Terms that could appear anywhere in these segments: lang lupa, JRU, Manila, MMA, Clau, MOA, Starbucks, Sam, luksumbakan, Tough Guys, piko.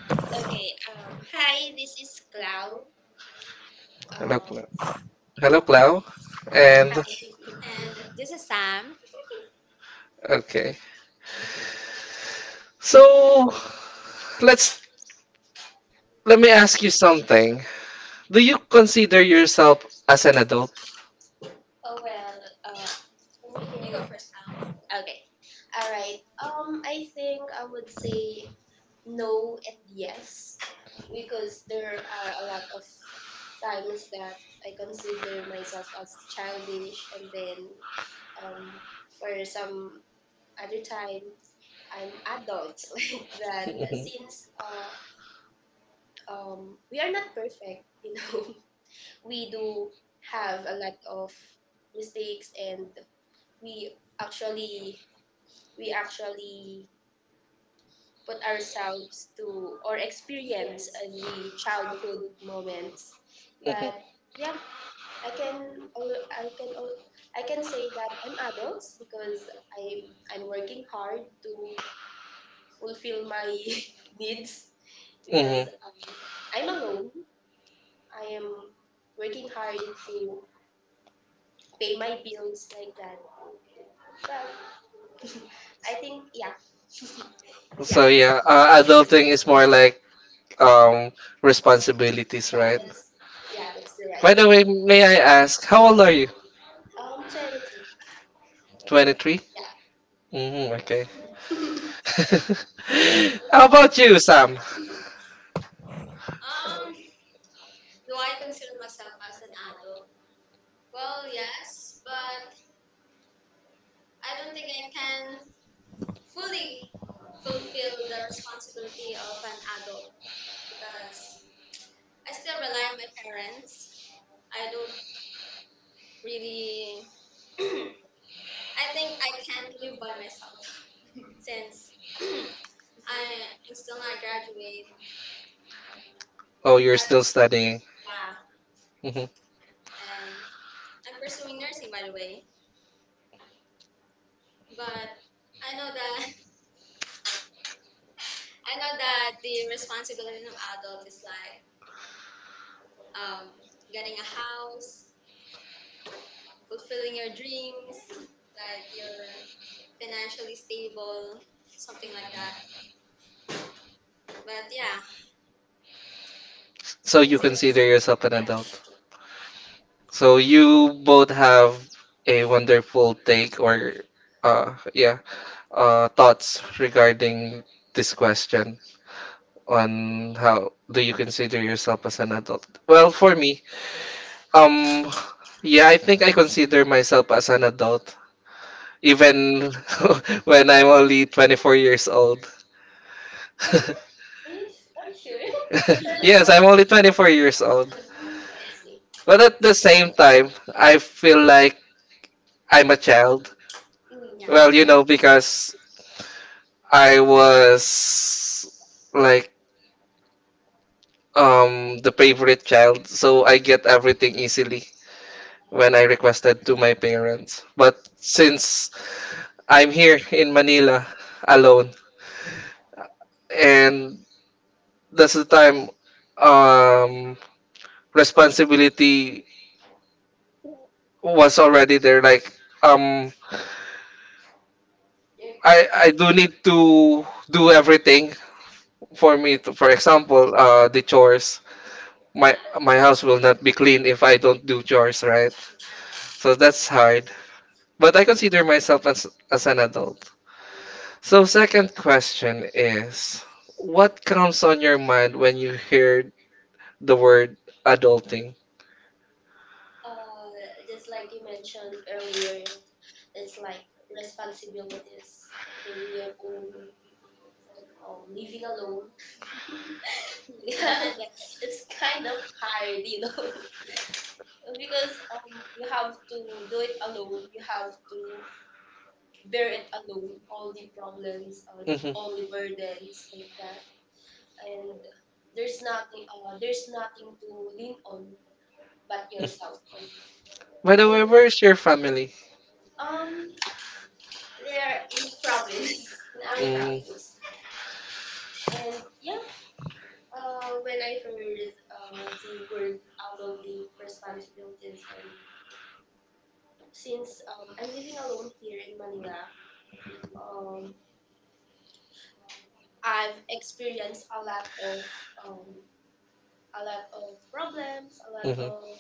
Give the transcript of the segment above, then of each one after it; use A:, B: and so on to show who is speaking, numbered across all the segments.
A: Okay. Hi, this is Clau. Um, and this is Sam. Oh well. Uh, you go first, Clau. Okay. All right. I think I would say no and yes, because there are a lot of times that I consider myself as childish, and then um, for some other time I'm adult like that. Since we are not perfect. You know, we do have a lot of mistakes, and we actually we actually put ourselves to or experience the childhood moments. But yeah, I can al- I can al- I can say that I'm adults because I I'm working hard to fulfill my needs because I'm alone. I am working hard to pay my bills like that. Well, I think yeah, yeah. That's Yeah, that's the right. 23 Yeah. Um, do I consider myself as an adult? Well, yes, but I don't think I can fully fulfill the responsibility of an adult because I still rely on my parents. I don't really, I think I can't live by myself since I am still not graduate. Yeah, and I'm pursuing nursing, by the way. But I know that I know that the responsibility of adult is like um, getting a house, fulfilling your dreams, like you're financially stable, something like that. But yeah, yeah. Hmm? Are you sure? Yeah. Sorry? I am. See. Mm. Yeah. Uh, just like you mentioned earlier, it's like responsibilities, paying your own, living alone. Yeah. It's kind of hard, because you have to do it alone. You have to bear it alone, all the problems, all the burdens like that. And there's nothing to lean on but yourself. I mean, um, there in province. In our province, and yeah, when I heard the word adulting responsibilities, and since I'm living alone here in Manila. um, I've experienced um, a lot of problems, a lot of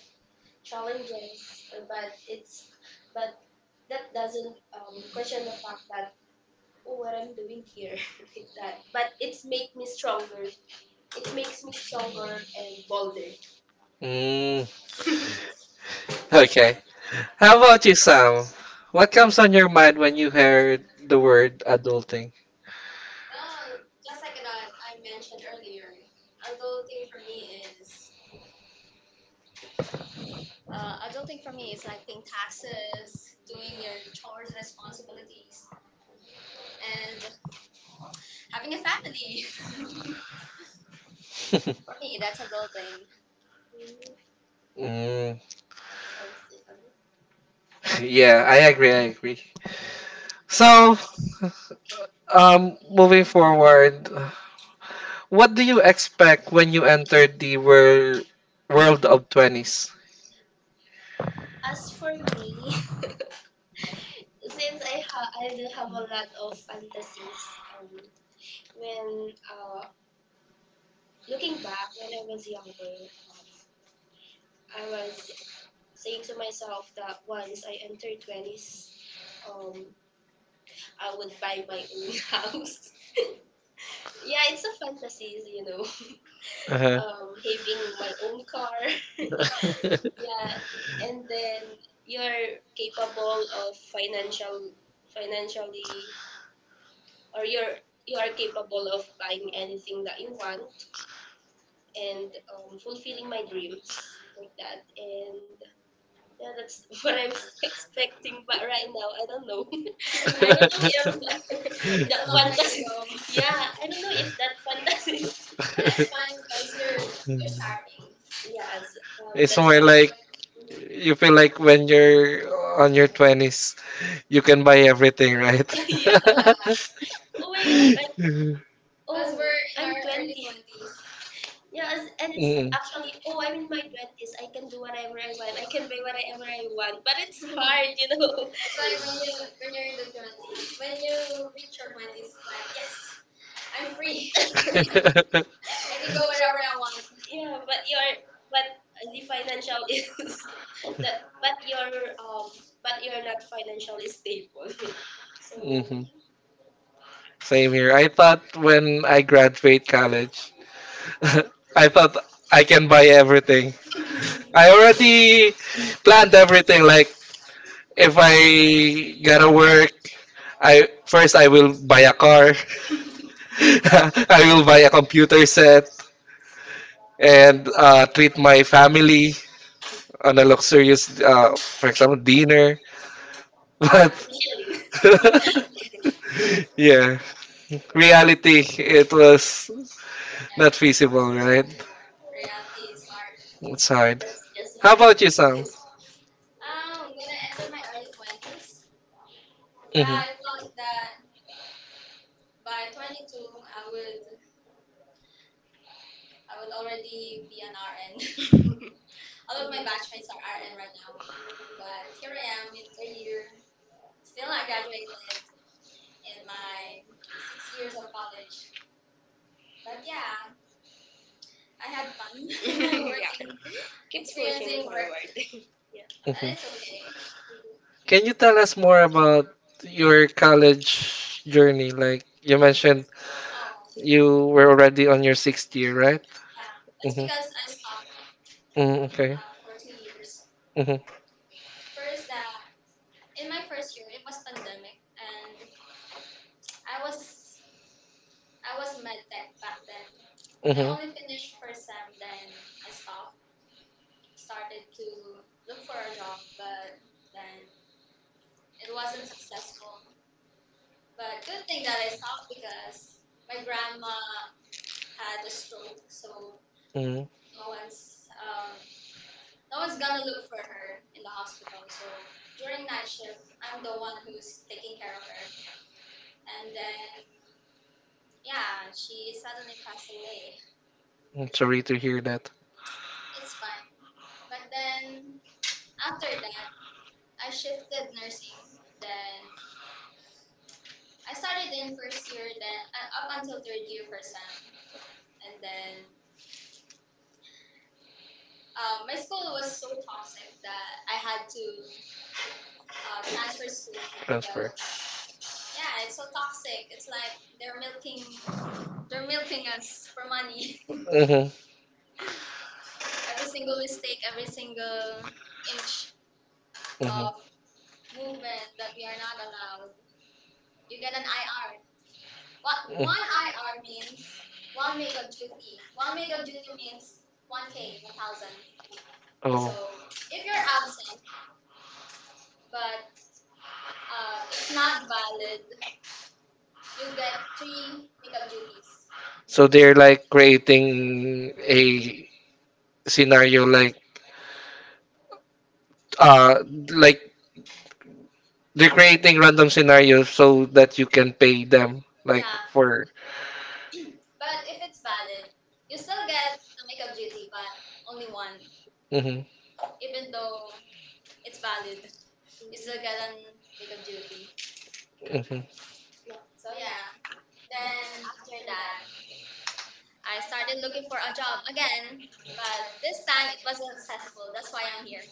A: challenges, but it's but that doesn't question the fact that, oh, what I'm doing here, with that. But it's make me stronger It makes me stronger and bolder. Well, just like that I mentioned earlier, adulting for me is adulting for me is like paying taxes, doing your chores, responsibilities, and having a family. For me, that's adulting. Mm, I see. As for me, since I do have a lot of fantasies. When Looking back, when I was younger, um, I was saying to myself that once I enter twenties, um, I would buy my own house. Yeah, it's a fantasy, having my own car. Yeah, and then you're capable of financially, or you are capable of buying anything that you want, and fulfilling my dreams like that. And yeah, that's what I'm expecting. But right now, I don't know. I don't know if that long way to fantasy. Go. Yeah, I don't know if that fantasy. But it's fine because you're starting. Yes, that's what. Yeah. Oh my gosh! Because oh, we're in I'm our early 20, twenties. Yeah, and it's actually, oh, I'm in my 20s. I can do whatever I want. I can buy whatever I want. But it's Mhm. hard. It's like when you're in the 20s. When you reach your 20s, it's like, yes, I'm free. I can go wherever I want. Yeah, but the financial is that but your um but you're not financially stable. So yeah. Michelle, reality is hard. That's just a. How about you? Fantasy. When I entered my early 20s, right, I thought that by 22 I would I would already be an RN. All of my batchmates are RN right now, but here I am in third year, still not graduated in my 6 years of college. But yeah, I had fun, yeah, working, keep pushing, experiencing work, forward. Yeah. That is okay. Oh yeah, it's because I stopped for 2 years. First, that in my first year, it was pandemic, and I was I was med tech back then. I only finished first sem, then I stopped, started to look for a job, but then it wasn't successful. But good thing that I stopped because my grandma had a stroke, so one's um, no one's gonna look for her in the hospital. So during night shift, I'm the one who's taking care of her, and then yeah, she suddenly passed away. It's fine. But then after that, I shifted nursing. Then I started in first year, then up until third year for SEM. And then my school was so toxic that I had to transfer school, because yeah, it's so toxic. It's like they're milking us for money. Every single mistake, every single inch of movement that we are not allowed. You get an IR. What one IR means, one makeup duty. One makeup duty means one K, 1,000. So if you're absent but it's not valid, you get three makeup duties. But if it's valid, you still get the makeup duty, but only one. Even though it's valid, you still get an makeup duty. Yeah. So yeah. Then after that, I started looking for a job again, but this time it was successful. That's why I'm here.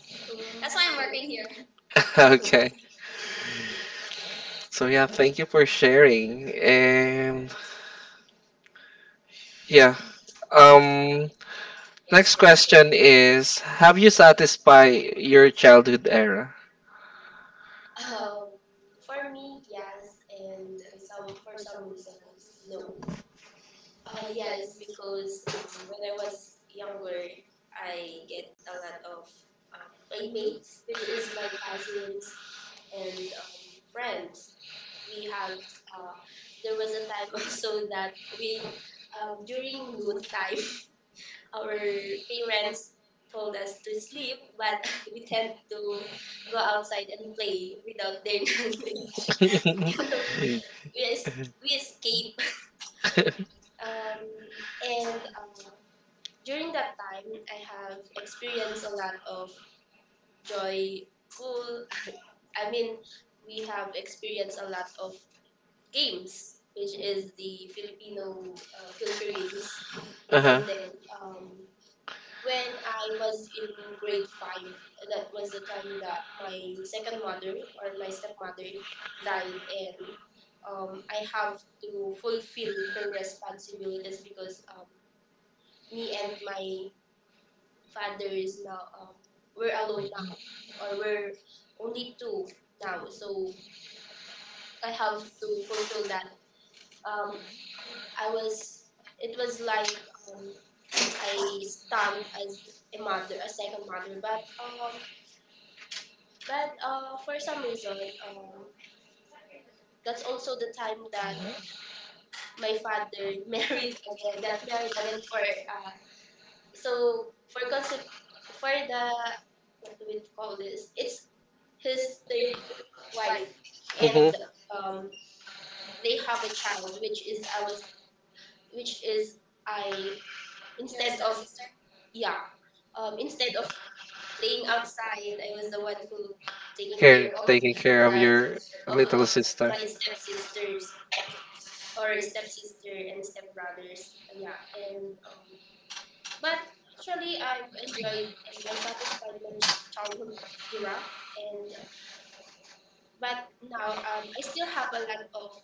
A: That's why I'm, Mm, working here. Um, for me, yes, and some for some reasons, no. Yes, because when I was younger, I get a lot of playmates, which is my cousins and friends. We have There was a time also that we during noon time our parents told us to sleep, but we tend to go outside and play without their knowledge. So we, es- we escape. Um, and during that time, I have experienced a lot of joyful. I mean, we have experienced a lot of games, which is the Filipino culture games, and then um, when I was in grade 5, that was the time that my second mother, or my stepmother, died, and I have to fulfill her responsibilities because me and my father is now, we're alone now, or we're only two now, so I have to fulfill that. Um, I was it was like, um, I stand as a mother, a second mother, but for some reason, um, that's also the time that my father got married again, for uh, so for concept for the, what do we call this? It's his third wife, and um, they have a child, which is, I instead of stepsister? Yeah, instead of playing outside, I was the one who taking care of that of my stepsisters, or stepsister and stepbrothers. Yeah, and but actually, I've enjoyed and I satisfied my childhood era. And but now,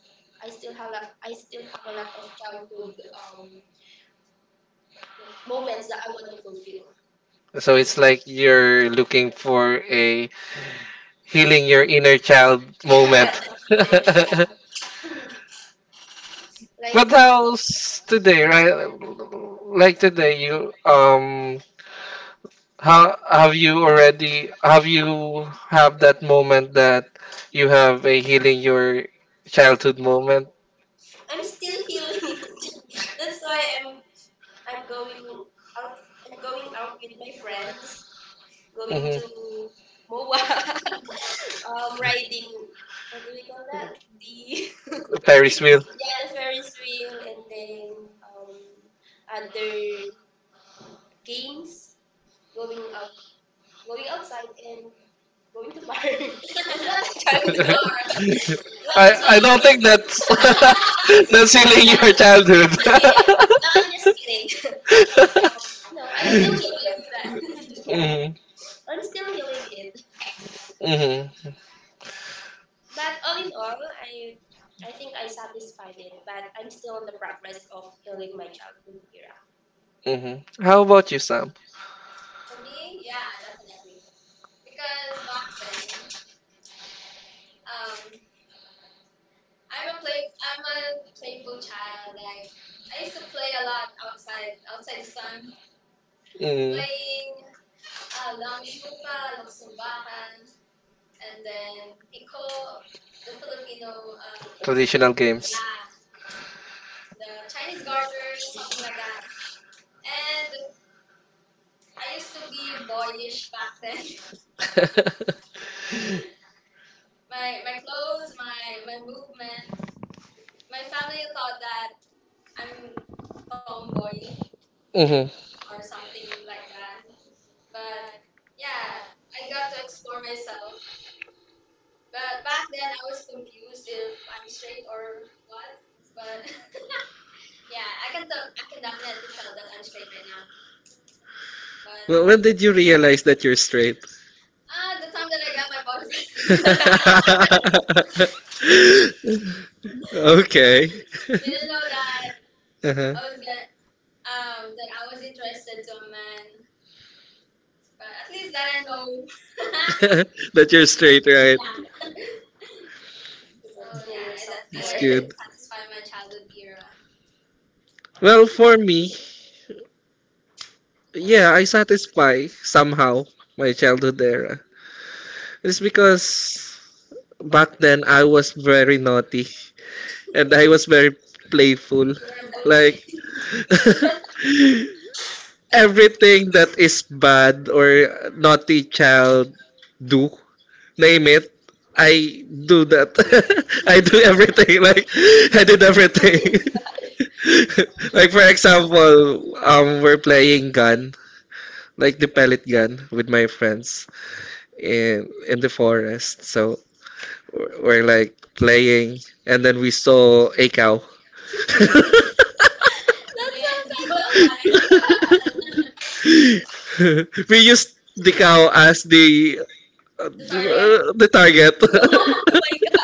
A: I still have a lot of childhood um moments that I want to fulfill. Like, I'm still healing. That's why I'm going out. I'm going out with my friends, going to MOA, riding, what do we call that? The, yeah, the Ferris wheel and then um, other games, going out, going outside and going to bar. It's not a childhood. Well, it's not. That's Yeah, I'm kidding. No, I'm just kidding. Um, No, I'm still healing it. Yeah, I'm still healing it. But all in all, I think I satisfied it, but I'm still on the progress of healing my childhood era. For me, yeah, definitely. Because back then, um, I'm a play I'm a playful child. Like, I used to play a lot outside, outside the sun, playing lang lupa, luksumbakan, and then piko, the Filipino, the Chinese garter, something like that. And I used to be boyish back then. My clothes, my movement. My family thought that I'm tomboy
B: hmm
A: or something like that. But yeah, I got to explore myself. But back then I was confused if I'm straight or what. But yeah, I can definitely tell that I'm straight right now. But
B: Well, when did you realize that you're straight?
A: the time that I got my boyfriend,
B: Okay.
A: didn't know that
B: Uh-huh.
A: I was get, that I was interested to a man. But at least that I know.
B: That you're straight, right?
A: Work. So to know, yeah, yourself, that's more.
B: It's
A: Why I didn't
B: good.
A: satisfy my childhood era.
B: Well, for me, yeah, I satisfy somehow my childhood era. It's because back then I was very naughty and I was very
A: You
B: playful.
A: were.
B: Like everything that is bad or naughty child do, name it, I do that. I do everything. Like I did everything. Like for example, we're playing gun, like the pellet gun, with my friends in the forest. So like playing, and then we saw a cow.
A: That sounds a like good man,
B: We used the cow as uh,
A: the
B: the target.
A: Oh my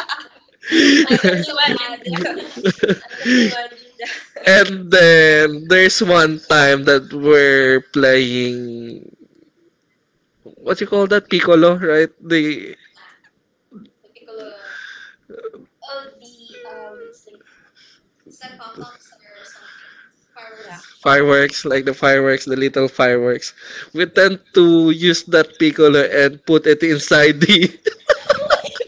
A: god, I can, so bad. Imagine that. I can imagine that.
B: And then there's one time that we're playing what you call that piccolo, right? The
A: The piccolo oh, the um, it's like it's like pop-ups or something. Fireworks. Yeah.
B: fireworks, like the fireworks, the little fireworks. We tend to use that piccolo and put it inside the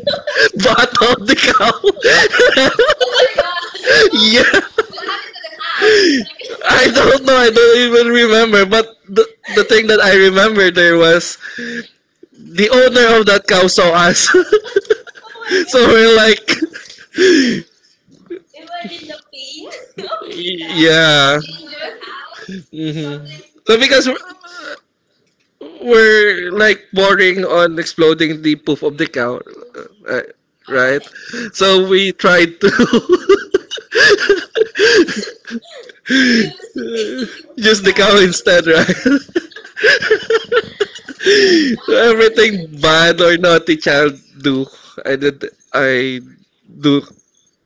B: bath of the cow.
A: Fireworks. God, oh,
B: Yeah.
A: what happened to the house? Like,
B: I don't know. I don't even remember. But the thing that I remember there was the owner of that cow saw us. So
A: oh,
B: we're like,
A: imagine the pain. Oh, did you
B: yeah.
A: do the house?
B: hmm
A: Something.
B: So because we're like boring on exploding the poof of the cow, uh, uh, right? So we tried to
A: Used
B: use
A: to
B: the cow
A: travel.
B: instead, right? Everything bad or naughty child do, I did. Do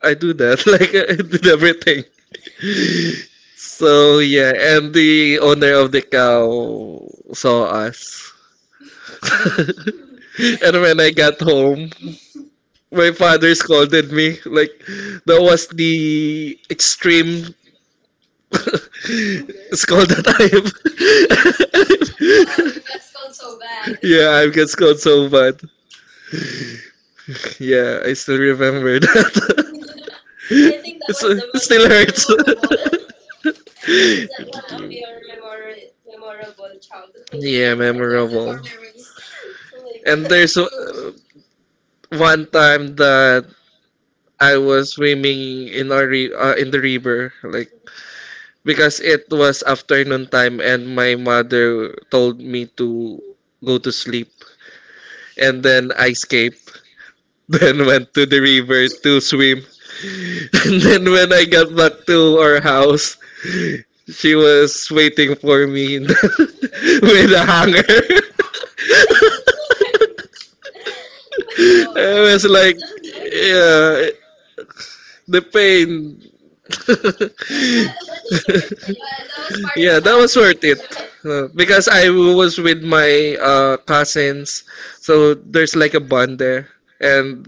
B: I do that. Like I did everything. So yeah, and the owner of the cow saw us. And when I got home, my father scolded me. Like that was the extreme scold that I
A: Oh, you
B: have.
A: got scolded so bad.
B: Yeah, I got scolded so bad. Yeah, I still remember that.
A: I think that was
B: It
A: the most
B: still hurts.
A: memorable. Is that one of your memorable
B: Yeah,
A: childhood memories? Oh my
B: and
A: god.
B: there's one time that I was swimming in our re in the river, like because it was afternoon time, and my mother told me to go to sleep, and then I escaped. Then went to the river to swim. And then when I got back to our house, she was waiting for me in with a hanger.
A: Oh, yeah,
B: I was like, yeah, the pain.
A: but it's worth it. Yes, that was part of
B: Yeah, that was
A: childhood.
B: worth it. Because I was with my cousins, so there's like a bond there. And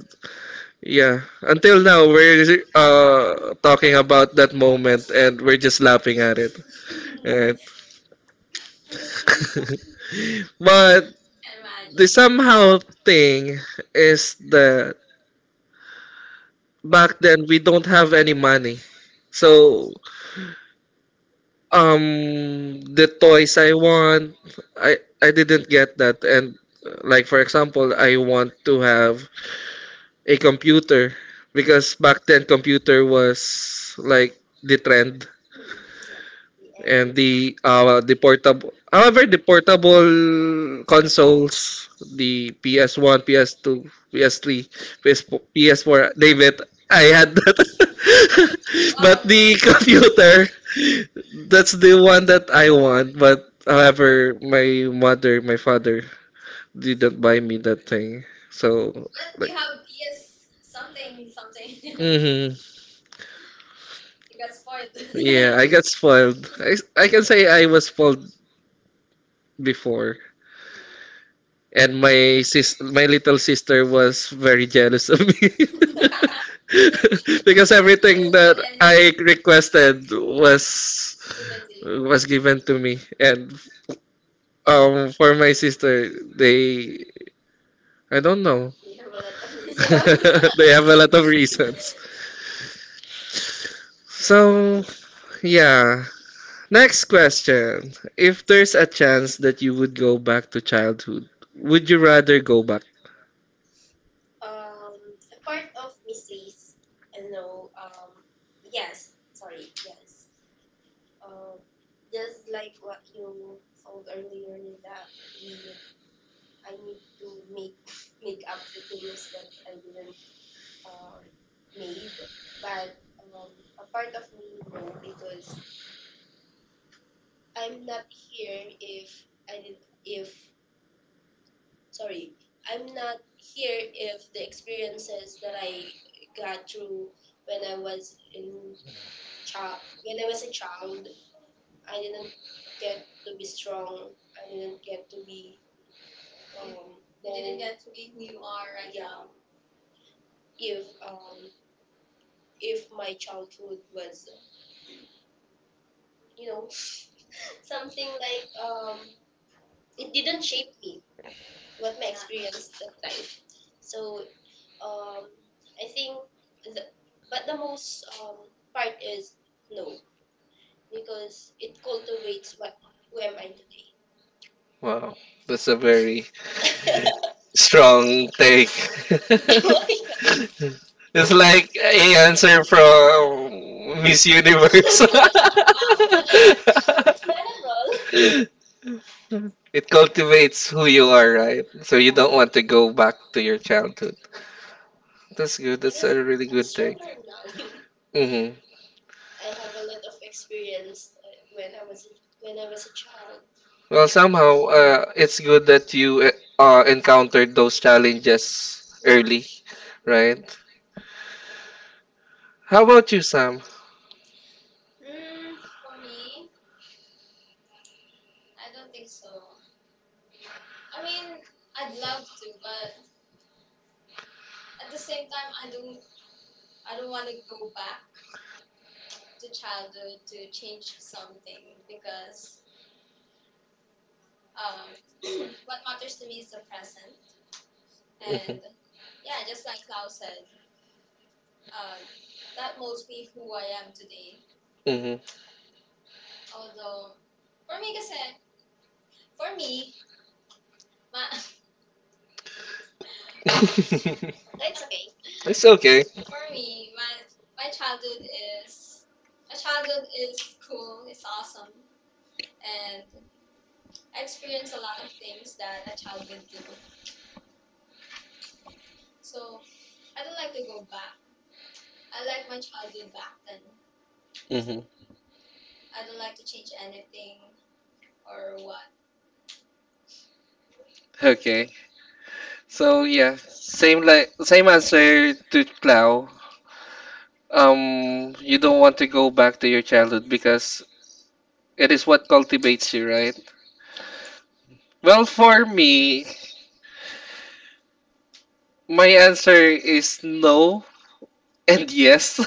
B: yeah, until now we're talking about that moment and we're just laughing at it. Right? But
A: Can imagine.
B: the somehow thing is that back then we don't have any money. So the toys I want I didn't get that and like for example I want to have a computer because back then computer was like the trend
A: Yeah. And
B: and the portable consoles, the PS1, PS2, PS3, PS4 David, I had that,
A: but
B: but the computer, that's the one that I want. But however, my father didn't buy me that thing, so like.
A: you have PS something something.
B: hmm
A: You got spoiled.
B: yeah, I got spoiled. I can say I was spoiled before,
A: Mm.
B: and my little sister was very jealous of me. Because everything that
A: And
B: I requested
A: it's given to you.
B: was given to me. And um, for my sister, they, I don't know.
A: Have a lot of reason.
B: They have a lot of reasons. So, yeah. Next question. If there's a chance that you would go back to childhood, would you rather go back.
A: um, a part of mysteries. I don't know. Yes. Sorry. Yes. Uh, just like what you told earlier that we, I need to make make up the things that I didn't uh, made, but um, a part of me no because I'm not here if I did if sorry, I'm not here if the experiences that I got through when I was in child when I was a child, I didn't get to be strong. I didn't get to be. You you didn't then get to be who you are right yeah now. If if my childhood was you know something like um it didn't shape me what my Yeah. experience that time, so um I think the, but the most part is no, because it cultivates what who am I today.
B: Wow, that's a very strong take. It's like a answer from Miss
A: Oh my
B: Universe.
A: gosh, it's not a role.
B: It cultivates who you are, right? So you don't want to go back to your childhood. That's good. That's
A: Yes,
B: a really
A: I'm
B: good take.
A: stronger now.
B: hmm
A: I have a lot of experience when when I was a child.
B: Well, somehow, it's good that you encountered those challenges early, right? How about you, Sam?
A: For me, I don't think so. I mean, I'd love to, but at the same time, I don't. I don't want to go back to childhood to change something because um, what matters to me is the present.
B: hmm
A: And yeah, just like Lau said, uh, that molds me who I am today. Although for me, kasi for me, ma-
B: Mm-hmm.
A: it's okay.
B: It's okay.
A: For me, my my childhood is my childhood is cool. It's awesome, and I experienced a lot of things that a child would do. So I don't like to go back. I like my childhood back then.
B: hmm
A: I don't like to change anything or what.
B: Okay. So yeah, same like same answer to Clau. You don't want to go back to your childhood because it is what cultivates you, right?
A: Yeah.
B: Well, for me, my answer is no and yes.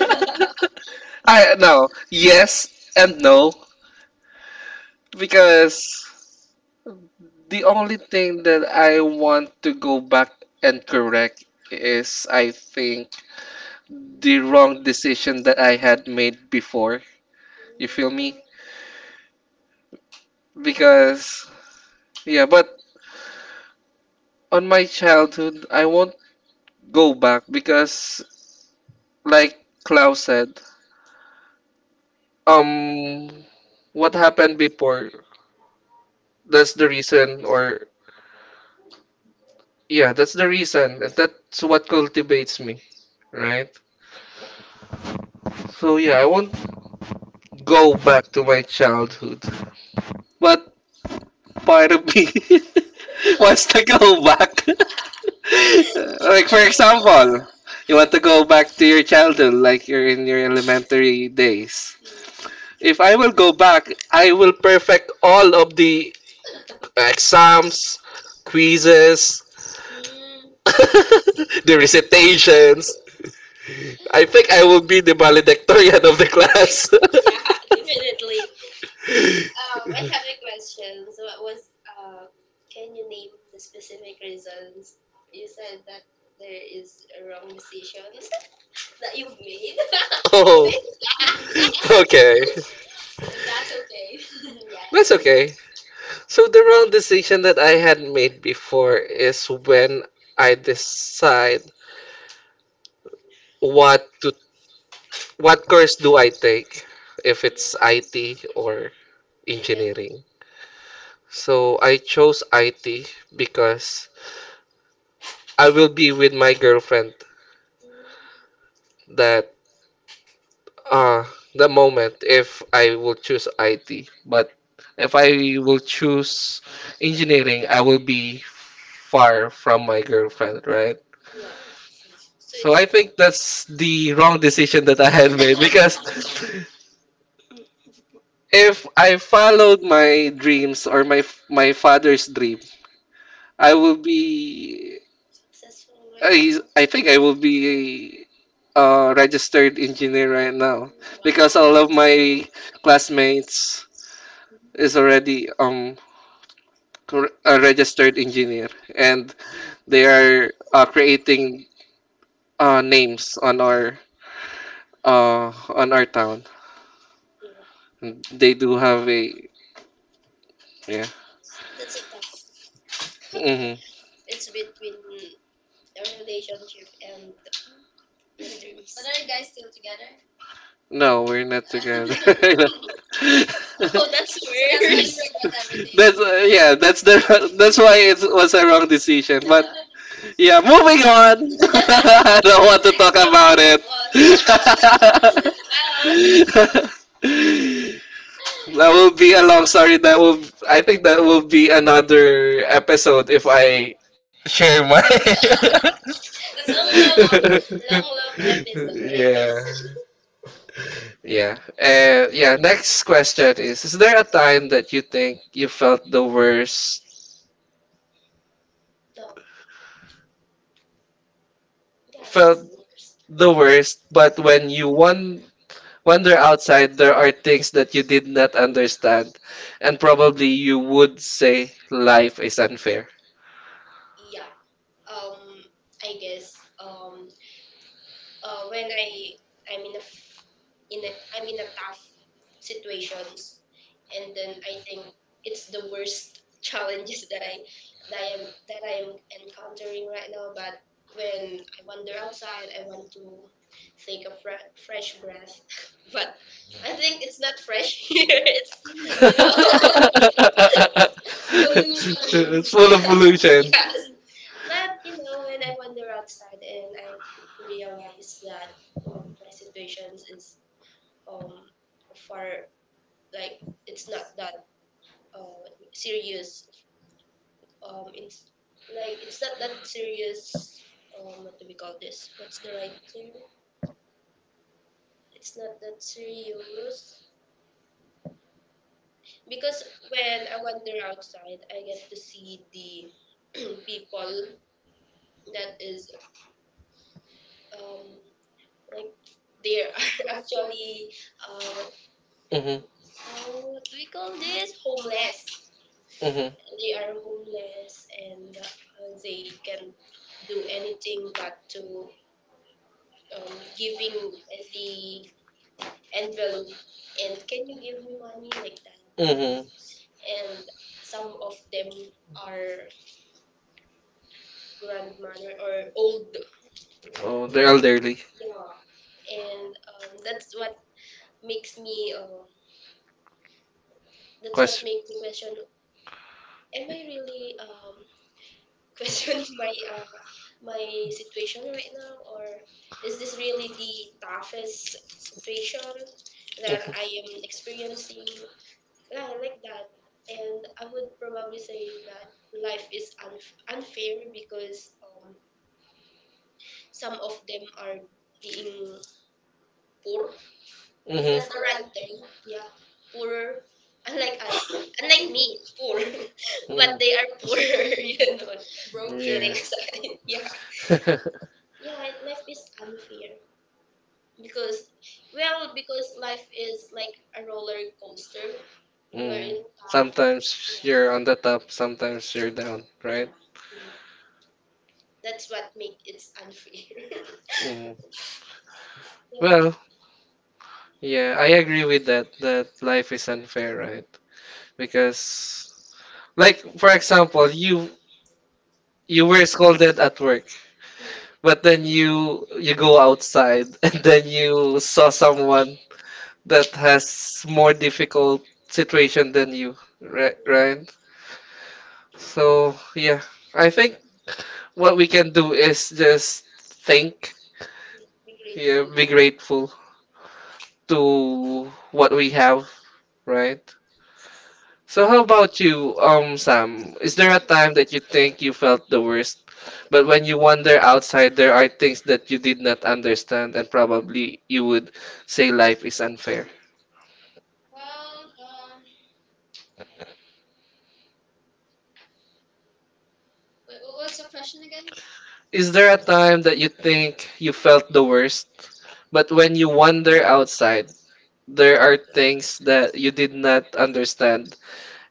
B: I no, yes and no because the only thing that I want to go back and correct is I think the wrong decision that I had made before. You feel me? Because, yeah, but on my childhood, I won't go back because, like Klaus said, um, what happened before, that's the reason, or, yeah, that's the reason, and that's what cultivates me, right? So, yeah, I won't go back to my childhood. But part of me wants to go back. Like for example, you want to go back to your childhood, like you're in your elementary days. If I will go back, I will perfect all of the exams, quizzes,
A: Mm, mm, I
B: the recitations. I think I will be the valedictorian of the class.
A: see. Yeah, definitely. I have a question. So, what was uh, can you name the specific reasons you said that there is a wrong decision that you've made,
B: Oh, okay.
A: if that's okay?
B: That's
A: Yeah.
B: okay. So the wrong decision that I had made before is when I decide what to what course do I take, if it's IT or
A: Yeah.
B: engineering. So I chose IT because I will be with my girlfriend, that uh the moment if I will choose IT. But if I will choose engineering, I will be far from my girlfriend, right?
A: Yeah. Mm. So
B: So
A: it's
B: I think that's the wrong decision that I had made because if I followed my dreams or my father's dream, I will be,
A: successful right now.
B: I think I will be a registered engineer right now because all of my classmates
A: Mhm.
B: is already a registered engineer, and they are creating names on our town.
A: Yeah.
B: They do have a, yeah.
A: That's a tough.
B: hmm
A: It's between a relationship and your dreams. But are you guys still together?
B: No, we're not together. I know.
A: Oh, that's so that's why you worse. Regret everything.
B: That's yeah. That's the that's why it was a wrong decision. But yeah, moving
A: Next
B: on. I don't want to talk
A: up, you
B: about it.
A: move on. Wow.
B: That will be a long story. I think that will be another episode if I share my.
A: That's a long different love topic, long love episode, I
B: Yeah.
A: guess.
B: Yeah. Yeah. Next question is: is there a time that you think you felt the worst?
A: So, yeah,
B: Felt
A: that's
B: the worst, but when you won wander outside, there are things that you did not understand, and probably you would say life is unfair.
A: yeah um I guess um when I I'm in a f- in a I'm in a tough situations and then I think it's the worst challenges that I am that I am encountering right now, but when I wander outside I want to take a fresh breath. But I think it's not fresh. Here it's you know pollution.
B: It's full of
A: Yeah.
B: pollution.
A: Yeah. But you know, when I wander outside and I realize that oh, my situations is um far, like it's not that serious in like it's not that serious. Um, what do we call this? What's the right term? It's not that serious because when I wander outside, I get to see the people that is um like they are actually uh,
B: Mm-hmm.
A: uh, what we call this? Homeless.
B: Mm-hmm.
A: They are homeless and they can't do anything but to giving the envelope and can you give me money like that?
B: Mm-hmm.
A: And some of them are grandmother or old.
B: Oh, the elderly.
A: Yeah, and that's what makes me. That's what
B: Question.
A: makes me question: am I really questioning my my situation right now, or is this really the toughest situation that I am experiencing? Yeah, like that. And I would probably say that life is unfair because some of them are being poor, is that the right term?
B: Mm-hmm.
A: Yeah, poor, unlike us, unlike me poor. But they are poor. You know, broke kidding
B: Yeah.
A: aside. Yeah. Yeah. Life is unfair because well because life is like a roller coaster. You're in
B: Mm.
A: top.
B: Sometimes you're on the top, sometimes you're down,
A: Yeah.
B: right?
A: Mhm. That's what makes it unfair.
B: Mm. Well, yeah, I agree with that, that life is unfair, right? Because, like, for example, you were scolded at work.
A: Mm,
B: But then you go outside and then you saw someone that has more difficult situation than you, right? Right? So yeah, I think what we can do is just think,
A: be
B: yeah, be grateful to what we have, right? So how about you, Sam? Is there a time that you think you felt the worst? But when you wander outside, there are things that you did not understand, and probably you would say life is unfair.
A: well, wait, what was the question again?
B: Is there a time that you think you felt the worst? But when you wander outside, there are things that you did not understand,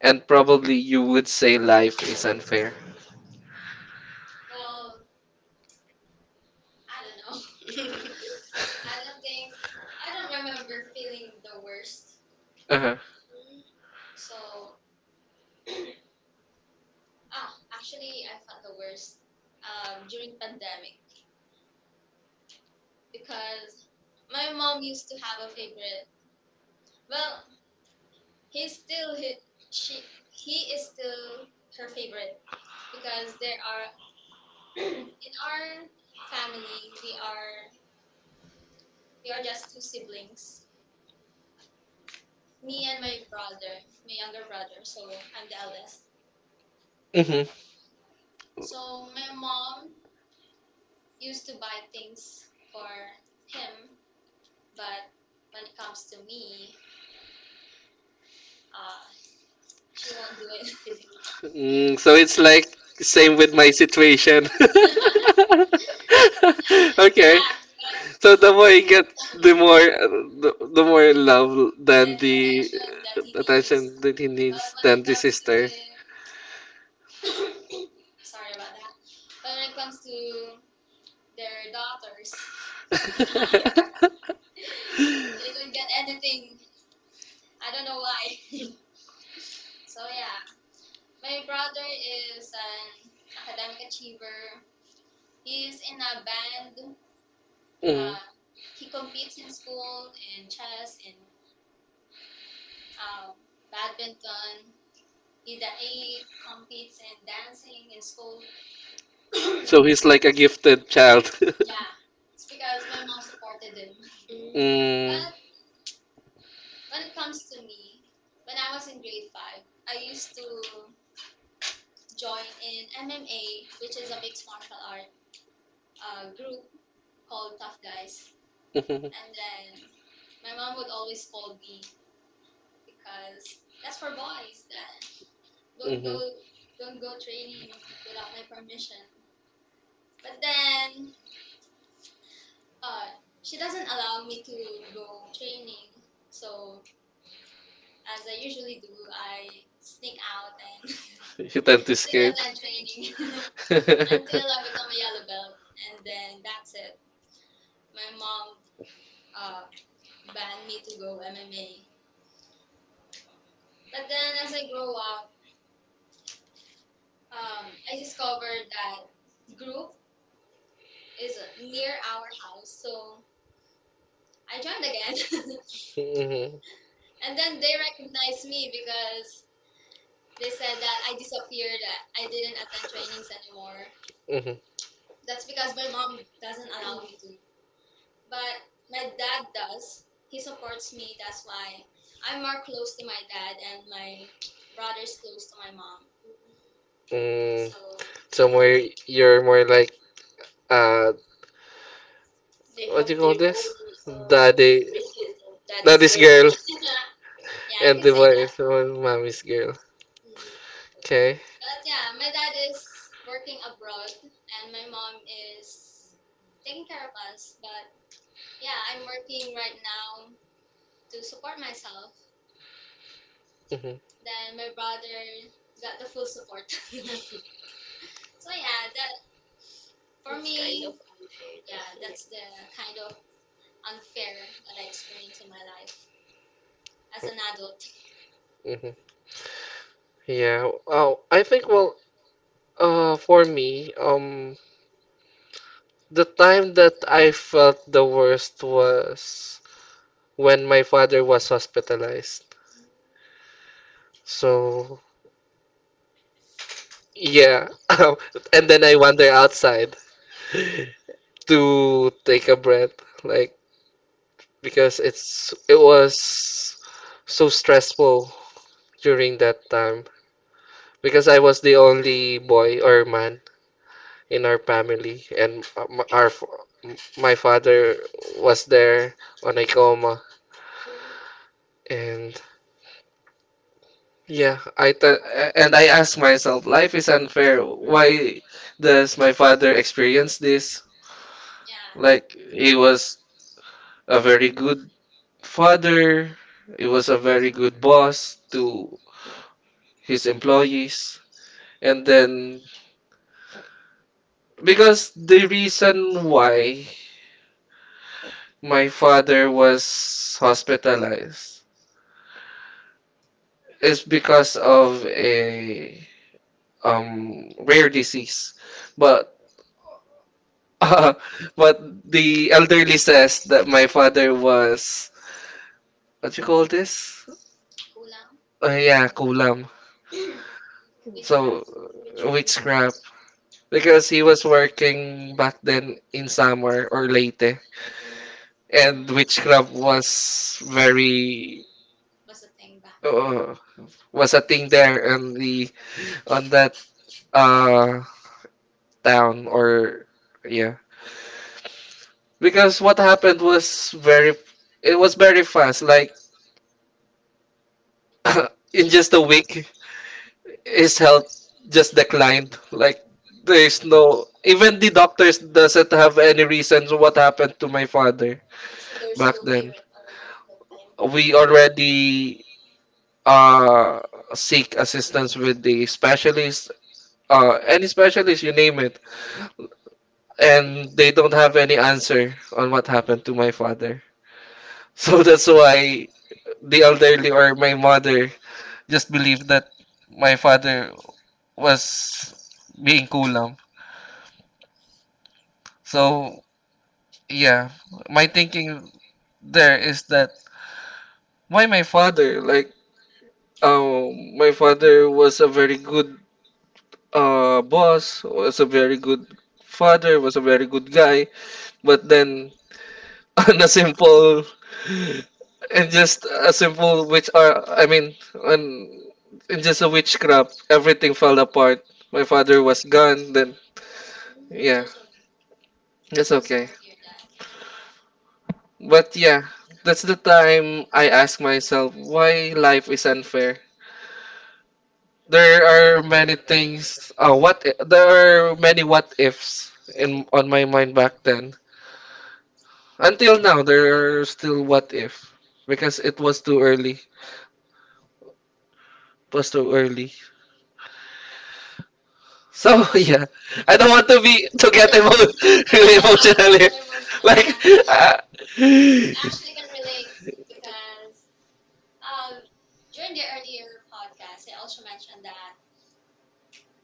B: and probably you would say life is unfair.
A: Well, I don't know. I don't think I don't remember feeling the worst.
B: Uh-huh.
A: So, ah, actually, I felt the worst during pandemic. Because my mom used to have a favorite. Well, he's still he, she he is still her favorite because there are in our family we are just two siblings, me and my brother, my younger brother. So I'm the eldest.
B: Mm-hmm.
A: So my mom used to buy things for him, but when it comes to me, uh, she won't do it.
B: Mm, so it's like same with my situation.
A: Yeah,
B: Okay.
A: but
B: So the more you get, the more the more love
A: the
B: than the
A: attention that he needs
B: attention that he needs than the sister.
A: sorry about that. But when it comes to their daughters, they don't get anything. I don't know why. So yeah, my brother is an academic achiever. He's in a band.
B: Mm.
A: Uh, he competes in school in chess in um, badminton. He, he competes in dancing in school.
B: So he's like a gifted child.
A: Yeah, it's because my mom supported him.
B: Mm.
A: When it comes to me, when I was in grade 5, I used to join in MMA, which is a mixed martial art group called Tough Guys. And
B: Mhm.
A: then my mom would always scold me because that's for boys. Don't
B: Mhm.
A: go, don't go training without my permission. But then uh, she doesn't allow me to go training. So as I usually do, I sneak out and
B: You tend to
A: say
B: escape.
A: that training. Until I become a yellow belt, and then that's it. My mom uh, banned me to go MMA, but then as I grow up, I discovered that group is near our house, so I joined again,
B: Mhm.
A: and then they recognized me because they said that I disappeared, that I didn't attend trainings anymore.
B: Mhm.
A: That's because my mom doesn't allow me to. But my dad does. He supports me. That's why I'm more close to my dad, and my brother's close to my mom.
B: Mm,
A: So
B: so more you're more like uh what do you call this? Daddy
A: favoritism. That
B: Daddy's girl,
A: girls. Yeah.
B: and the wife, well, mommy's girl.
A: Mm.
B: Okay.
A: But yeah, my dad is working abroad and my mom is taking care of us. But yeah, I'm working right now to support myself.
B: Mhm.
A: Then my brother got the full support. So yeah, that for that's kind me, of unfair yeah, though. Yeah. That's the kind of unfair that I experienced in my life as an adult.
B: Mhm. Yeah. Oh, I think well for me the time that I felt the worst was when my father was hospitalized. So yeah. And then I wander outside to take a breath, like because it was so stressful during that time because I was the only boy or man in our family and my father was there on a coma,
A: Mhm.
B: and yeah and I asked myself, life is unfair, why does my father experience this,
A: Yeah,
B: like he was a very good father, he was a very good boss to his employees. And then, because the reason why my father was hospitalized is because of a rare disease. But uh, but the elderly says that my father was, what you call this?
A: kulang,
B: Oh yeah, kulam. So witchcraft, because he was working back then in Samar or Leyte,
A: mm,
B: and witchcraft was very
A: was a thing back.
B: uh, was a thing there on the on that uh town, or yeah. Because what happened was very, it was very fast. Like in just a week his health just declined. Like there's no, even the doctors doesn't have any reasons what happened to my father
A: So they
B: back
A: don't care
B: then.
A: at all that time.
B: We already uh seek assistance with the specialist, any specialist you name it, and they don't have any answer on what happened to my father. So that's why the elderly or my mother just believed that my father was being kulam. So yeah, my thinking there is that why my father like my father was a very good boss, was a very good father, was a very good guy, but then on a simple and just a simple witch I mean on in just a witchcraft, everything fell apart. My father was gone then.
A: Mm.
B: Yeah,
A: So
B: that's
A: weird that.
B: okay. But yeah, that's the time I ask myself why life is unfair. There are many things, there are many what ifs in on my mind back then. Until now there are still what if, because it was too early, it was too early. So yeah, I don't want to be to get emo- really emotional here. Like, uh,
A: Mm. I
B: mhm,
A: actually can relate because um during the earlier podcast, I also mentioned that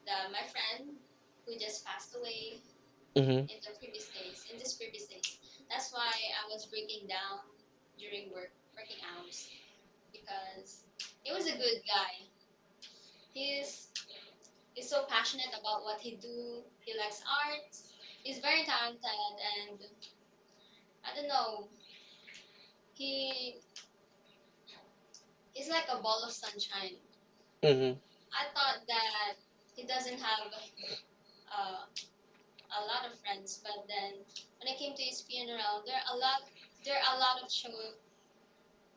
A: the my friend who just passed away in the previous days, in this previous days. That's why I was breaking down during working hours because he was a good guy. He's he's so passionate about what he do. He likes arts. He's very talented, and I don't know. He he's like a ball of sunshine.
B: mhm,
A: I thought that he doesn't have uh, a lot of friends, but then when I came to his funeral, there are a lot of show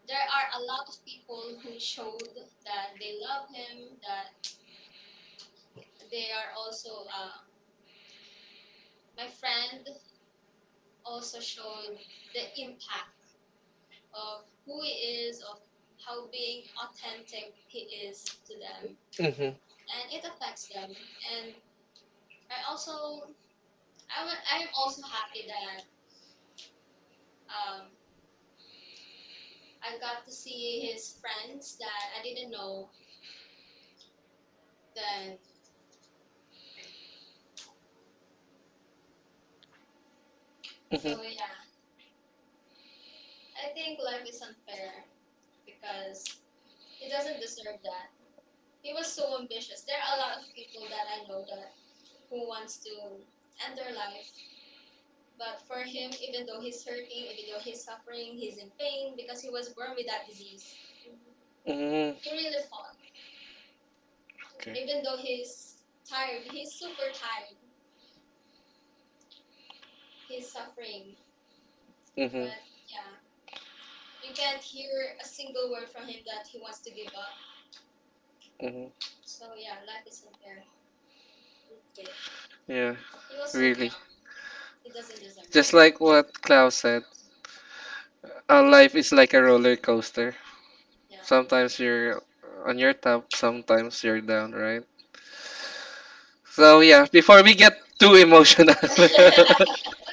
A: there are a lot of people who showed that they love him, that they are also my friend also showed the impact of who he is, of how being authentic he is to them,
B: mhm,
A: and it affects them. And I also I am also happy that um, I got to see his friends that I didn't know. Then
B: mhm,
A: so yeah, I think life is unfair because he doesn't deserve that. He was so ambitious. There are a lot of people that I know that who wants to end their life, but for him, even though he's hurting, even though he's suffering, he's in pain because he was born with that disease. He
B: mhm.
A: really fought.
B: Okay.
A: Even though he's tired, he's super tired. He's suffering,
B: Mhm,
A: but yeah, you can't hear a single word from him that he wants to give up.
B: mhm.
A: So yeah, life is unfair. Okay.
B: Yeah,
A: He was
B: really.
A: young. It doesn't deserve.
B: Just like what Klaus said, life is like a roller coaster.
A: No.
B: Sometimes you're on your top, sometimes you're down, right? So yeah, before we get too emotional.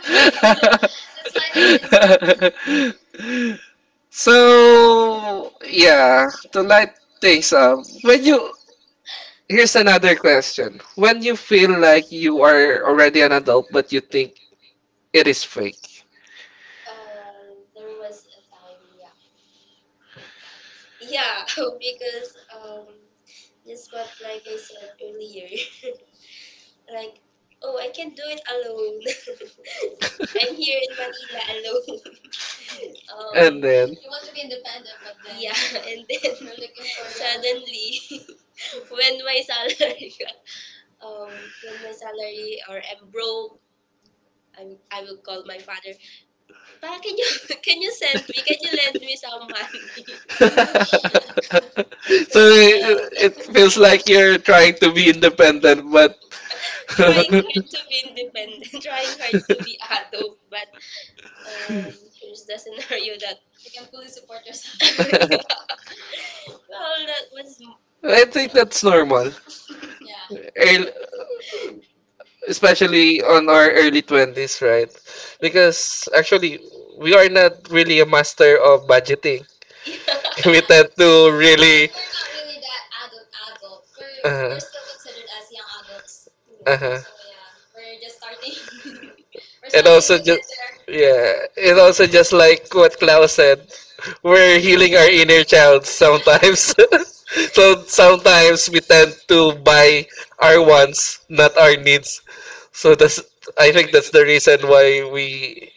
A: Okay. Let's slide into this.
B: So yeah, to light things up, when you here's another question. When you feel like you are already an adult but you think it is fake.
A: Uh, there was a time, yeah. Yeah, because just what like I said earlier, like oh, I can do it alone. I'm here in Manila alone.
B: And then
A: You want to be independent, but then yeah, and then you're looking for your suddenly when my salary got, when my salary or I'm broke. I, I will call my father. Pa, can you can you send me? Can you lend me some money?
B: so it feels like you're trying to be independent, but I
A: Hard to be independent, trying hard to be adult, but um, here's the scenario that you can fully support yourself. Yeah. Well, that was.
B: think that's normal.
A: Yeah.
B: Earl Especially on our early 20s, right? Because actually, we are not really a master of budgeting.
A: Yeah.
B: We tend to really.
A: We're not really that adult.
B: Uh huh.
A: We're still considered as young adults.
B: Uh huh.
A: So yeah, we're just starting. We're
B: And also just Yeah, and also just like what Klaus said, we're healing our inner child sometimes. So sometimes we tend to buy our wants, not our needs. So that's I think that's the reason why we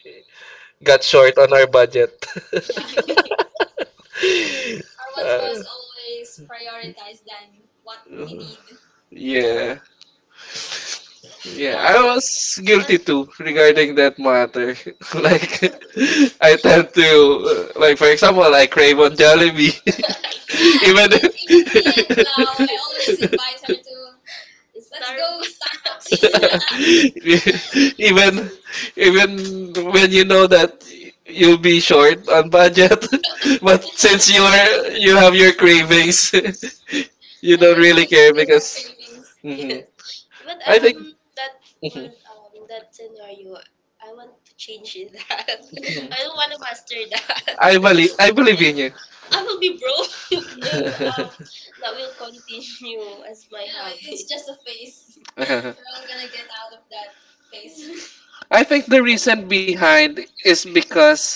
B: got short on our budget.
A: our mom always prioritized than what we
B: Uh,
A: need.
B: yeah. Yeah,
A: Well, I
B: I was
A: was, but
B: guilty
A: yeah.
B: too regarding that matter. Like, I tend to, like, for example, I crave on Jollibee. Even
A: Even then, now, I always invite her to go Starbucks.
B: even even when you know that you'll be short on budget, but since you have your cravings, you don't really care because.
A: Philippines.
B: Mhm.
A: Yes. But
B: I think
A: um, that
B: Mhm.
A: was that scenario. I want to change it that.
B: Mhm.
A: I don't want to master that.
B: I believe in you.
A: I will be broke if that will continue as my yeah, hobby. It's just a phase.
B: Uh-huh.
A: I'm gonna get out of that phase.
B: I think the reason behind is because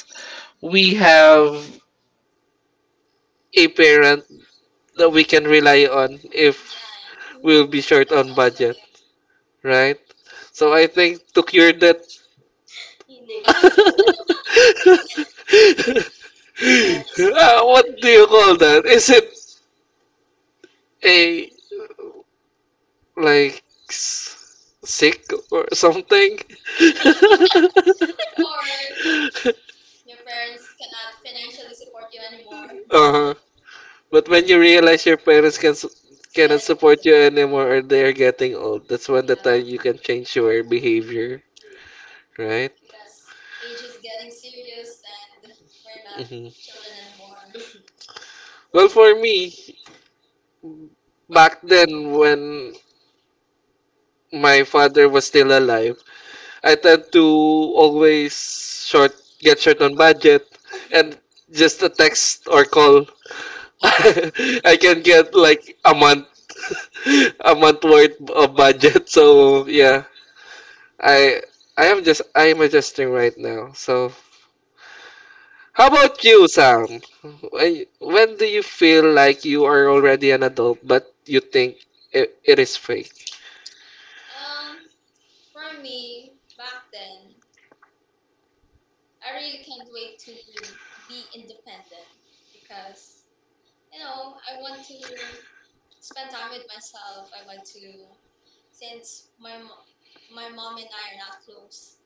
B: we have a parent that we can rely on if we'll be
A: Mm.
B: short on budget, right? So I think to cure that.
A: You know, to satisfy
B: What do you call that? Is it a like s- sick or something.
A: or you, your parents cannot financially support you anymore
B: Uh-huh. But when you realize your parents cannot support you anymore or they are getting old, that's when the time you can change your behavior, right?
A: because age is getting serious and we're not
B: Hmm.
A: children anymore.
B: Well, for me, back then when my father was still alive, I tend to always short get short on budget, and just a text or call I can get like a month a month worth of budget. So yeah, I I am just I am adjusting right now. So how about you, Sam? When do you feel like you are already an adult but you think it is fake?
A: Um, for me, back then, I really can't wait to be independent because you know I want to spend time with myself. I want to since my mo- my mom and I are not close.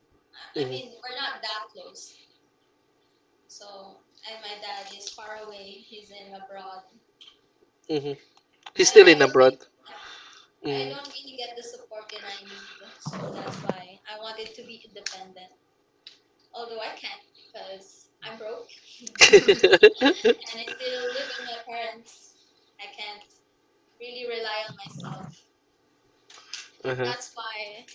A: I mean,
B: Hmm.
A: we're not that close. So, and my dad is far away. He's in abroad.
B: Hmm. He's still in abroad.
A: Yeah, I
B: Mm.
A: don't really get the support that I need. So that's why I wanted to be independent. Although I can't because I'm broke and I still live with my parents. I can't really rely on myself.
B: Uh-huh.
A: That's why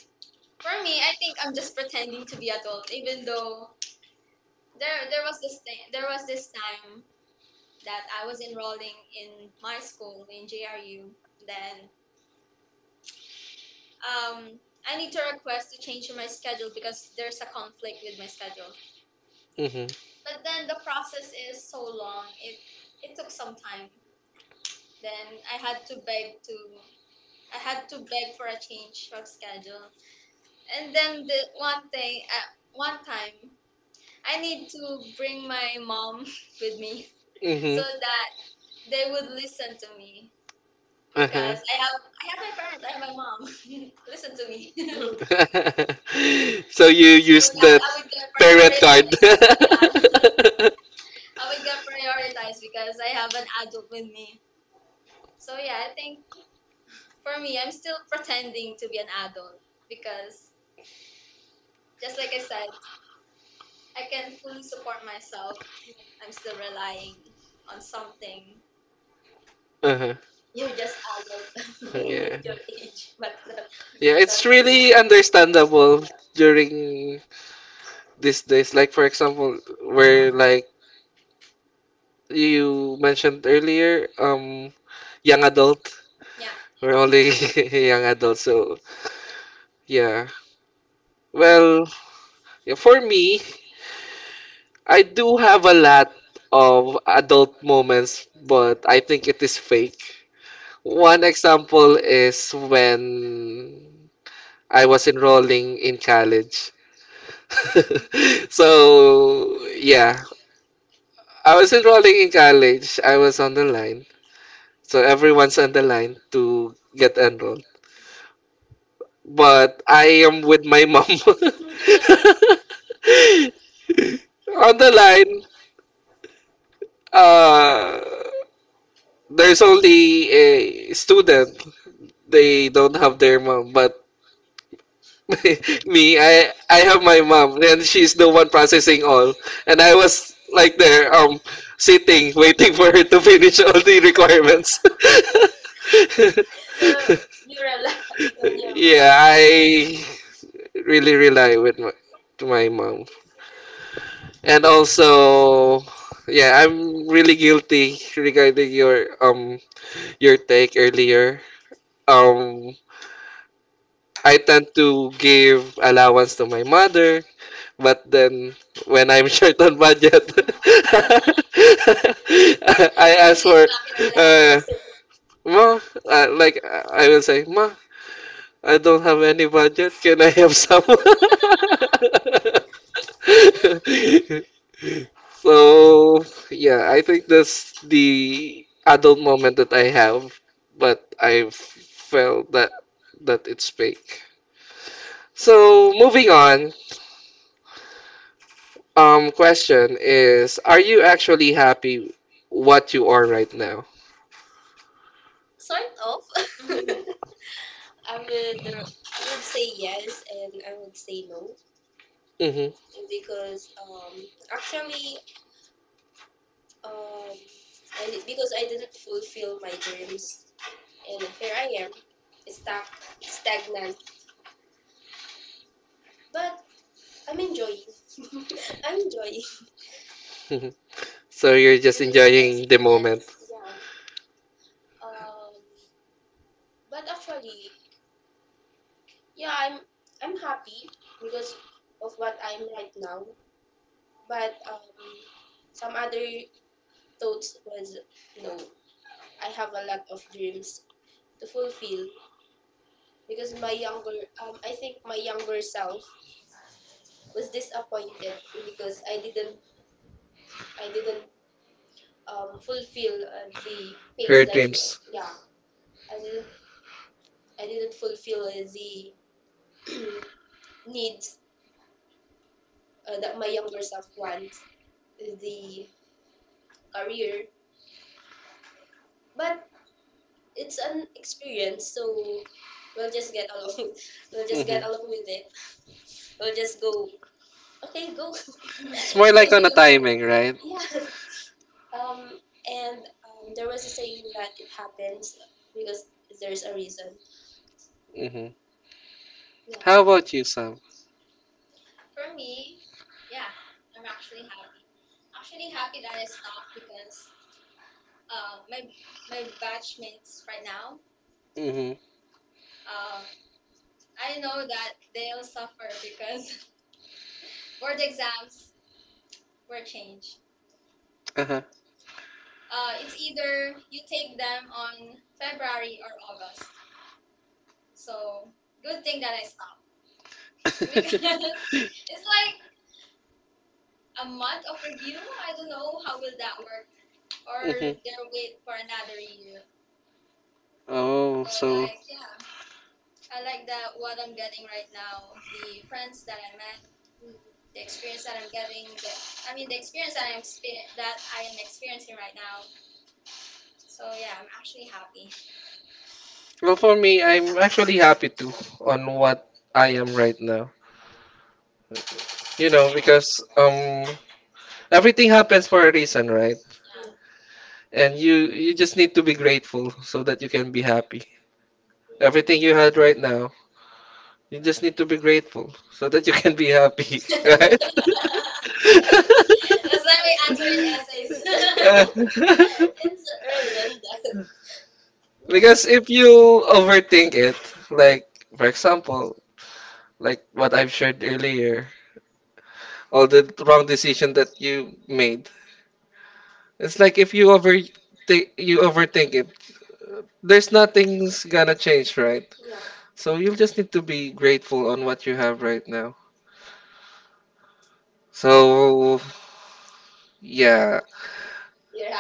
A: for me, I think I'm just pretending to be adult even though there was this thing, there was this time that I was enrolling in my school in JRU. Then um, I need to request to change my schedule because there's a conflict with my schedule.
B: Hmm.
A: But then the process is so long. It took some time. Then I had to beg for a change of schedule. And then the one thing one time I need to bring my mom with me so
B: Hmm.
A: that they would listen to me
B: Uh-huh.
A: because I have my parents. I have my mom. Listen to me so
B: So you use
A: that
B: the
A: I would get
B: parent card.
A: prioritized. I would get prioritized because I have an adult with me. So yeah, I think for me, I'm still pretending to be an adult because just like I said, I can fully support myself. I'm still relying on something.
B: Uh-huh.
A: You're just adult when you meet
B: Yeah.
A: your age, but not.
B: Yeah, it's really understandable during these days. Like for example, where like you mentioned earlier, young adult.
A: Yeah.
B: We're only young adult, so yeah. Well, yeah, for me, I do have a lot of adult moments, but I think it is fake. One example is when I was enrolling in college. So, yeah, I was enrolling in college. I was on the line. So everyone's on the line to get enrolled. But I am with my mom. On the line, uh, there's only a student. They don't have their mom, but me, I have my mom, and she's the one processing all. And I was like there, sitting, waiting for her to finish all the requirements.
A: So you rely on your
B: Yeah, I really rely to my mom. And also, yeah, I'm really guilty regarding your take earlier. Um, I tend to give allowance to my mother. But then when I'm short on budget, I ask for uh, ma, like I will say, ma, I don't have any budget. Can I have some? So yeah, I think that's the adult moment that I have, but I felt that it's fake. So moving on, question is, are you actually happy what you are right now?
A: sort of. I would say yes and I would say no
B: Mm-hmm.
A: because actually Um, I did, because I didn't fulfill my dreams, and here I am, stuck, stagnant. But I'm enjoying. I'm enjoying.
B: So you're just enjoying the moment,
A: Um, but actually, yeah, I'm happy because of what I'm right now. But some other thoughts was no, I have a lot of dreams to fulfill because my younger I think my younger self was disappointed because I didn't fulfill the pace
B: her
A: that you
B: dreams.
A: yeah I didn't I didn't fulfill the needs that my younger self wants the career but it's an experience so we'll just get along with, we'll just
B: Mhm.
A: get along with it. We'll just go okay go go
B: It's more
A: with
B: like on a
A: the flow
B: timing, right?
A: um and there was a saying that it happens because there's a reason
B: Mm-hmm.
A: yeah.
B: How about you, Sam?
A: For me, yeah, I'm actually happy. Actually happy that I stopped because uh, my my batchmates right now,
B: Mm-hmm.
A: um, I know that they'll suffer because board exams were changed.
B: Uh-huh.
A: It's either you take them on February or August. So good thing that I stopped because it's like a month of review. I don't know how will that work or
B: Mhm.
A: they'll wait for another year.
B: Oh, so
A: I like that what I'm getting right now, the friends that I met, the experience that I'm getting, I mean the experience that I'm expe- that I am experiencing right now. So yeah, I'm actually happy.
B: well for me, I'm actually happy too on what I am right now. You know, because everything happens for a reason, right? And you just need to be grateful so that you can be happy. Everything you had right now, you just need to be grateful so that you can be happy, right?
A: That's why we answer in essays. It's redundant.
B: Because if you overthink it, like for example, like what I've shared earlier, all the wrong decision that you made. It's like if you over you overthink it. There's nothing's gonna change, right? So you'll just need to be grateful on what you have right now. So, yeah.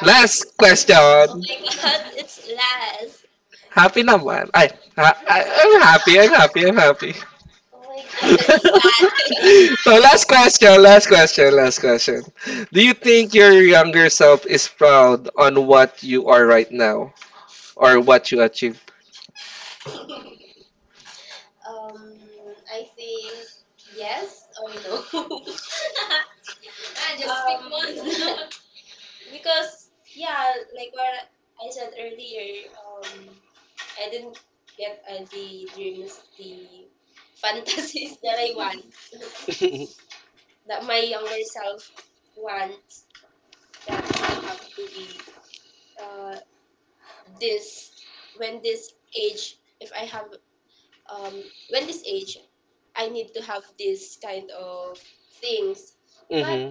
B: Last
A: Oh
B: question.
A: my god, it's last.
B: Happy naman. Ay, I'm happy, I'm happy, I'm happy.
A: Just that?
B: So last question, last question, last question. Do you think your younger self is proud on what you are right now or what you achieved?
A: Um, I think yes or no. Ah, just pick one. Because yeah, like what I said earlier, I didn't get the dreams, the fantasies that I want, that my younger self wants, that I have to be uh, this, when this age, if I have, um, when this age, I need to have this kind of things. But
B: Mm-hmm.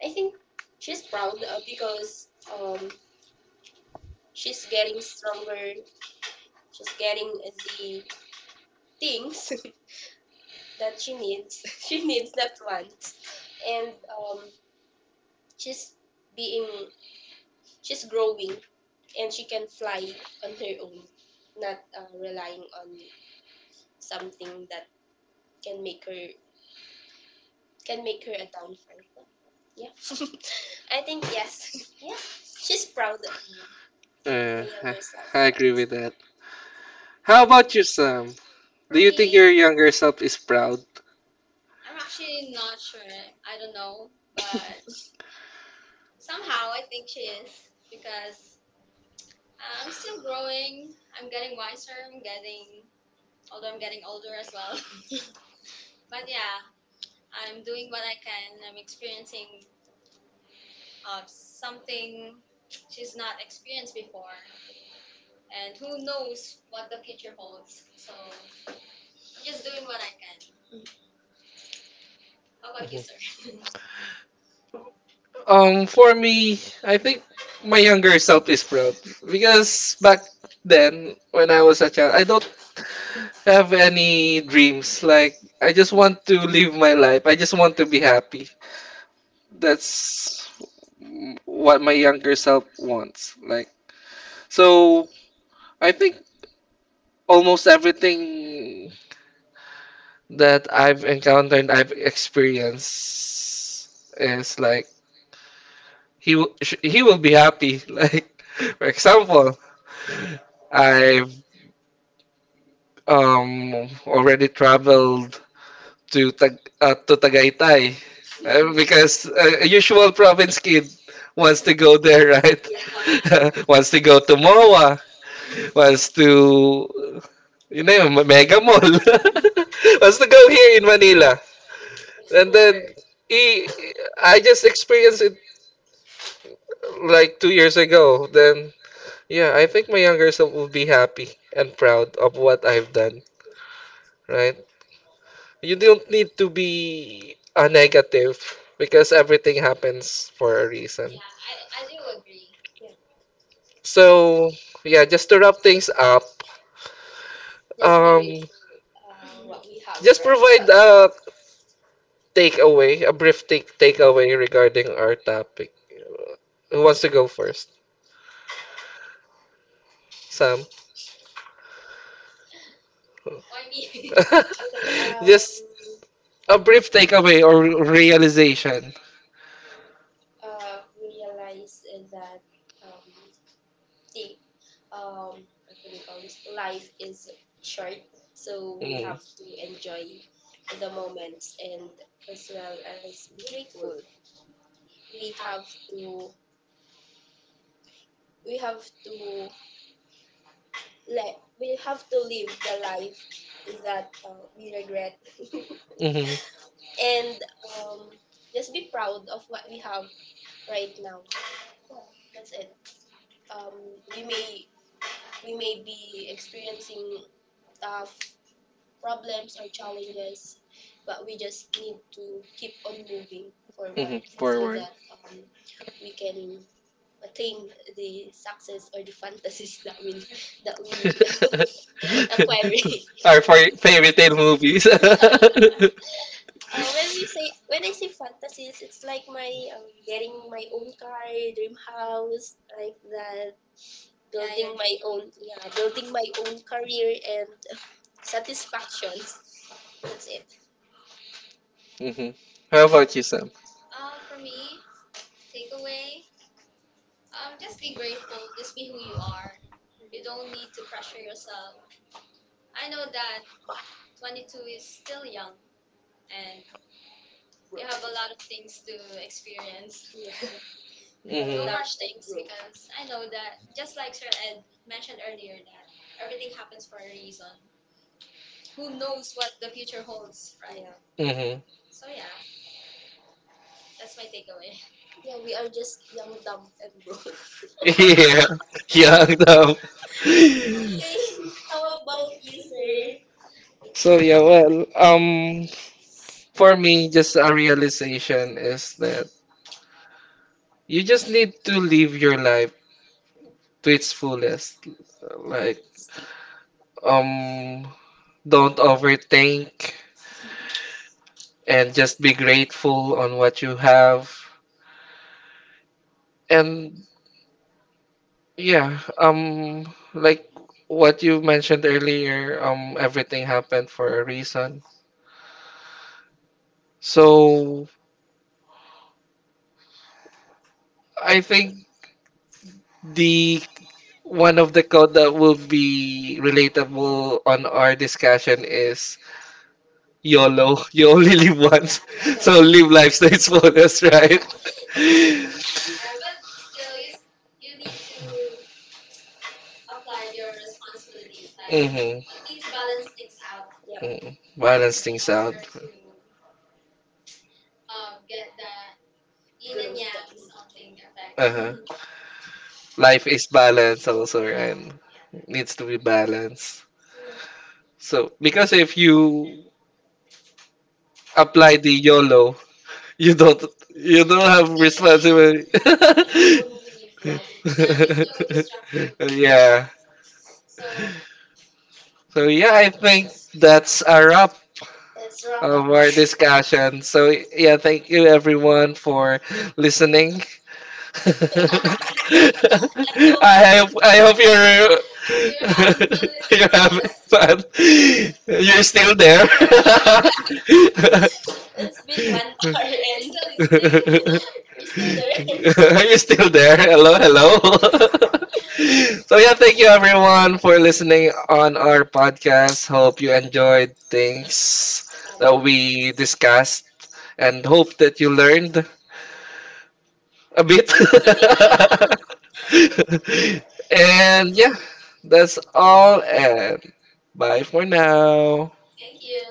A: I think she's proud because um, she's getting stronger, she's getting the things that she needs, she needs not wants, and she's being, she's growing, and she can fly on her own, not relying on something that can make her, can make her a downfall. Yeah, I think yes. Yeah, she's proud of her, of my
B: Uh, I
A: younger self.
B: I agree with that. How about you, Sam? Do you think your younger self is proud?
A: I'm actually not sure. I don't know, but somehow I think she is because I'm still growing. I'm getting wiser. I'm getting, although I'm getting older as well. But yeah, I'm doing what I can. I'm experiencing something she's not experienced before. And who knows what the future holds. So I'm just doing what I can. How about you, sir?
B: For me, I think my younger self is proud because back then, when I was a child, I don't have any dreams. Like, I just want to live my life. I just want to be happy. That's what my younger self wants. Like, so I think almost everything that I've encountered, I've experienced is like he will be happy. Like for example, I've already traveled to Tag to Tagaytay, because a usual province kid wants to go there, right?
A: Yeah,
B: Wants to go to MOA, wants to you know Mega Mall, wants to go here in Manila. And then he, I just experienced it like 2 years ago. Then yeah, I think my younger self will be happy and proud of what I've done. Right? You don't need to be a negative because everything happens for a reason.
A: yeah, I do agree.
B: So yeah, just to wrap things up, um,
A: Wow.
B: just provide a takeaway, a brief takeaway regarding our topic. Who wants to go first? Sam.
A: Why me? Okay,
B: Just a brief takeaway or realization.
A: realized that um, the what do we call this, life is short, so we
B: Mm.
A: have to enjoy the moments and as well as be grateful. we have to we have to let we have to live the life that we regret,
B: Mhm.
A: and um just be proud of what we have right now. Yeah, that's it. um we may, we may be experiencing stuff, problems or challenges, but we just need to keep on moving
B: Mhm.
A: forward so
B: Forward.
A: that um, we can attain the success or the fantasies that we, that we acquiring.
B: Or for fairy tale movies.
A: When we say, when I say fantasies, it's like my getting my own car, dream house, like that. Yeah, your building, yeah, my dream own, yeah, building my own career and satisfactions. That's it.
B: Mhm. How about you, Sam?
A: For me, takeaway. Just be grateful. Just be who you are. You don't need to pressure yourself. I know that 22 is still young and you have a lot of things to experience. Yeah, yeah, don't
B: Mhm.
A: without rush things growth, because I know that, just like Sir Ed mentioned earlier, that everything happens for a reason. Who knows what the future holds, right? Yeah,
B: Mhm.
A: so, yeah, that's my takeaway. Yeah, we are just young, dumb, and broke.
B: Yeah. Young dumb.
A: How about you, sir?
B: So yeah, well, for me, just a realization is that you just need to live your life to its fullest. Like, um, don't overthink and just be grateful on what you have. And yeah, like what you mentioned earlier, everything happened for a reason. So I think the one of the code that will be relatable on our discussion is YOLO. You only live once. So live life to its fullest, right?
A: But still, you need to apply your responsibilities. Like,
B: Mm-hmm.
A: you
B: Mm,
A: need to balance things out. Yep.
B: balance things out.
A: Get that yin good and yang stuff, something effect.
B: Uh-huh. Life is balance also, right? Needs to be balanced.
A: Yeah.
B: So because if you apply the YOLO, you don't you don't have
A: It's gonna
B: responsibility.
A: be immediately flooded. It's so destructive.
B: Yeah.
A: So
B: So yeah, I think that's a wrap
A: that's wrong.
B: of our discussion. So yeah, thank you everyone for listening. I
A: I hope
B: I hope you're
A: if you're fun with
B: you're
A: us,
B: having fun. You're still there.
A: it's been 1 hour and you're still there.
B: Are you still there? Hello, hello. So yeah, thank you everyone for listening on our podcast. Hope you enjoyed things that we discussed and hope that you learned a bit. And yeah, that's all and bye for now.
A: Thank you.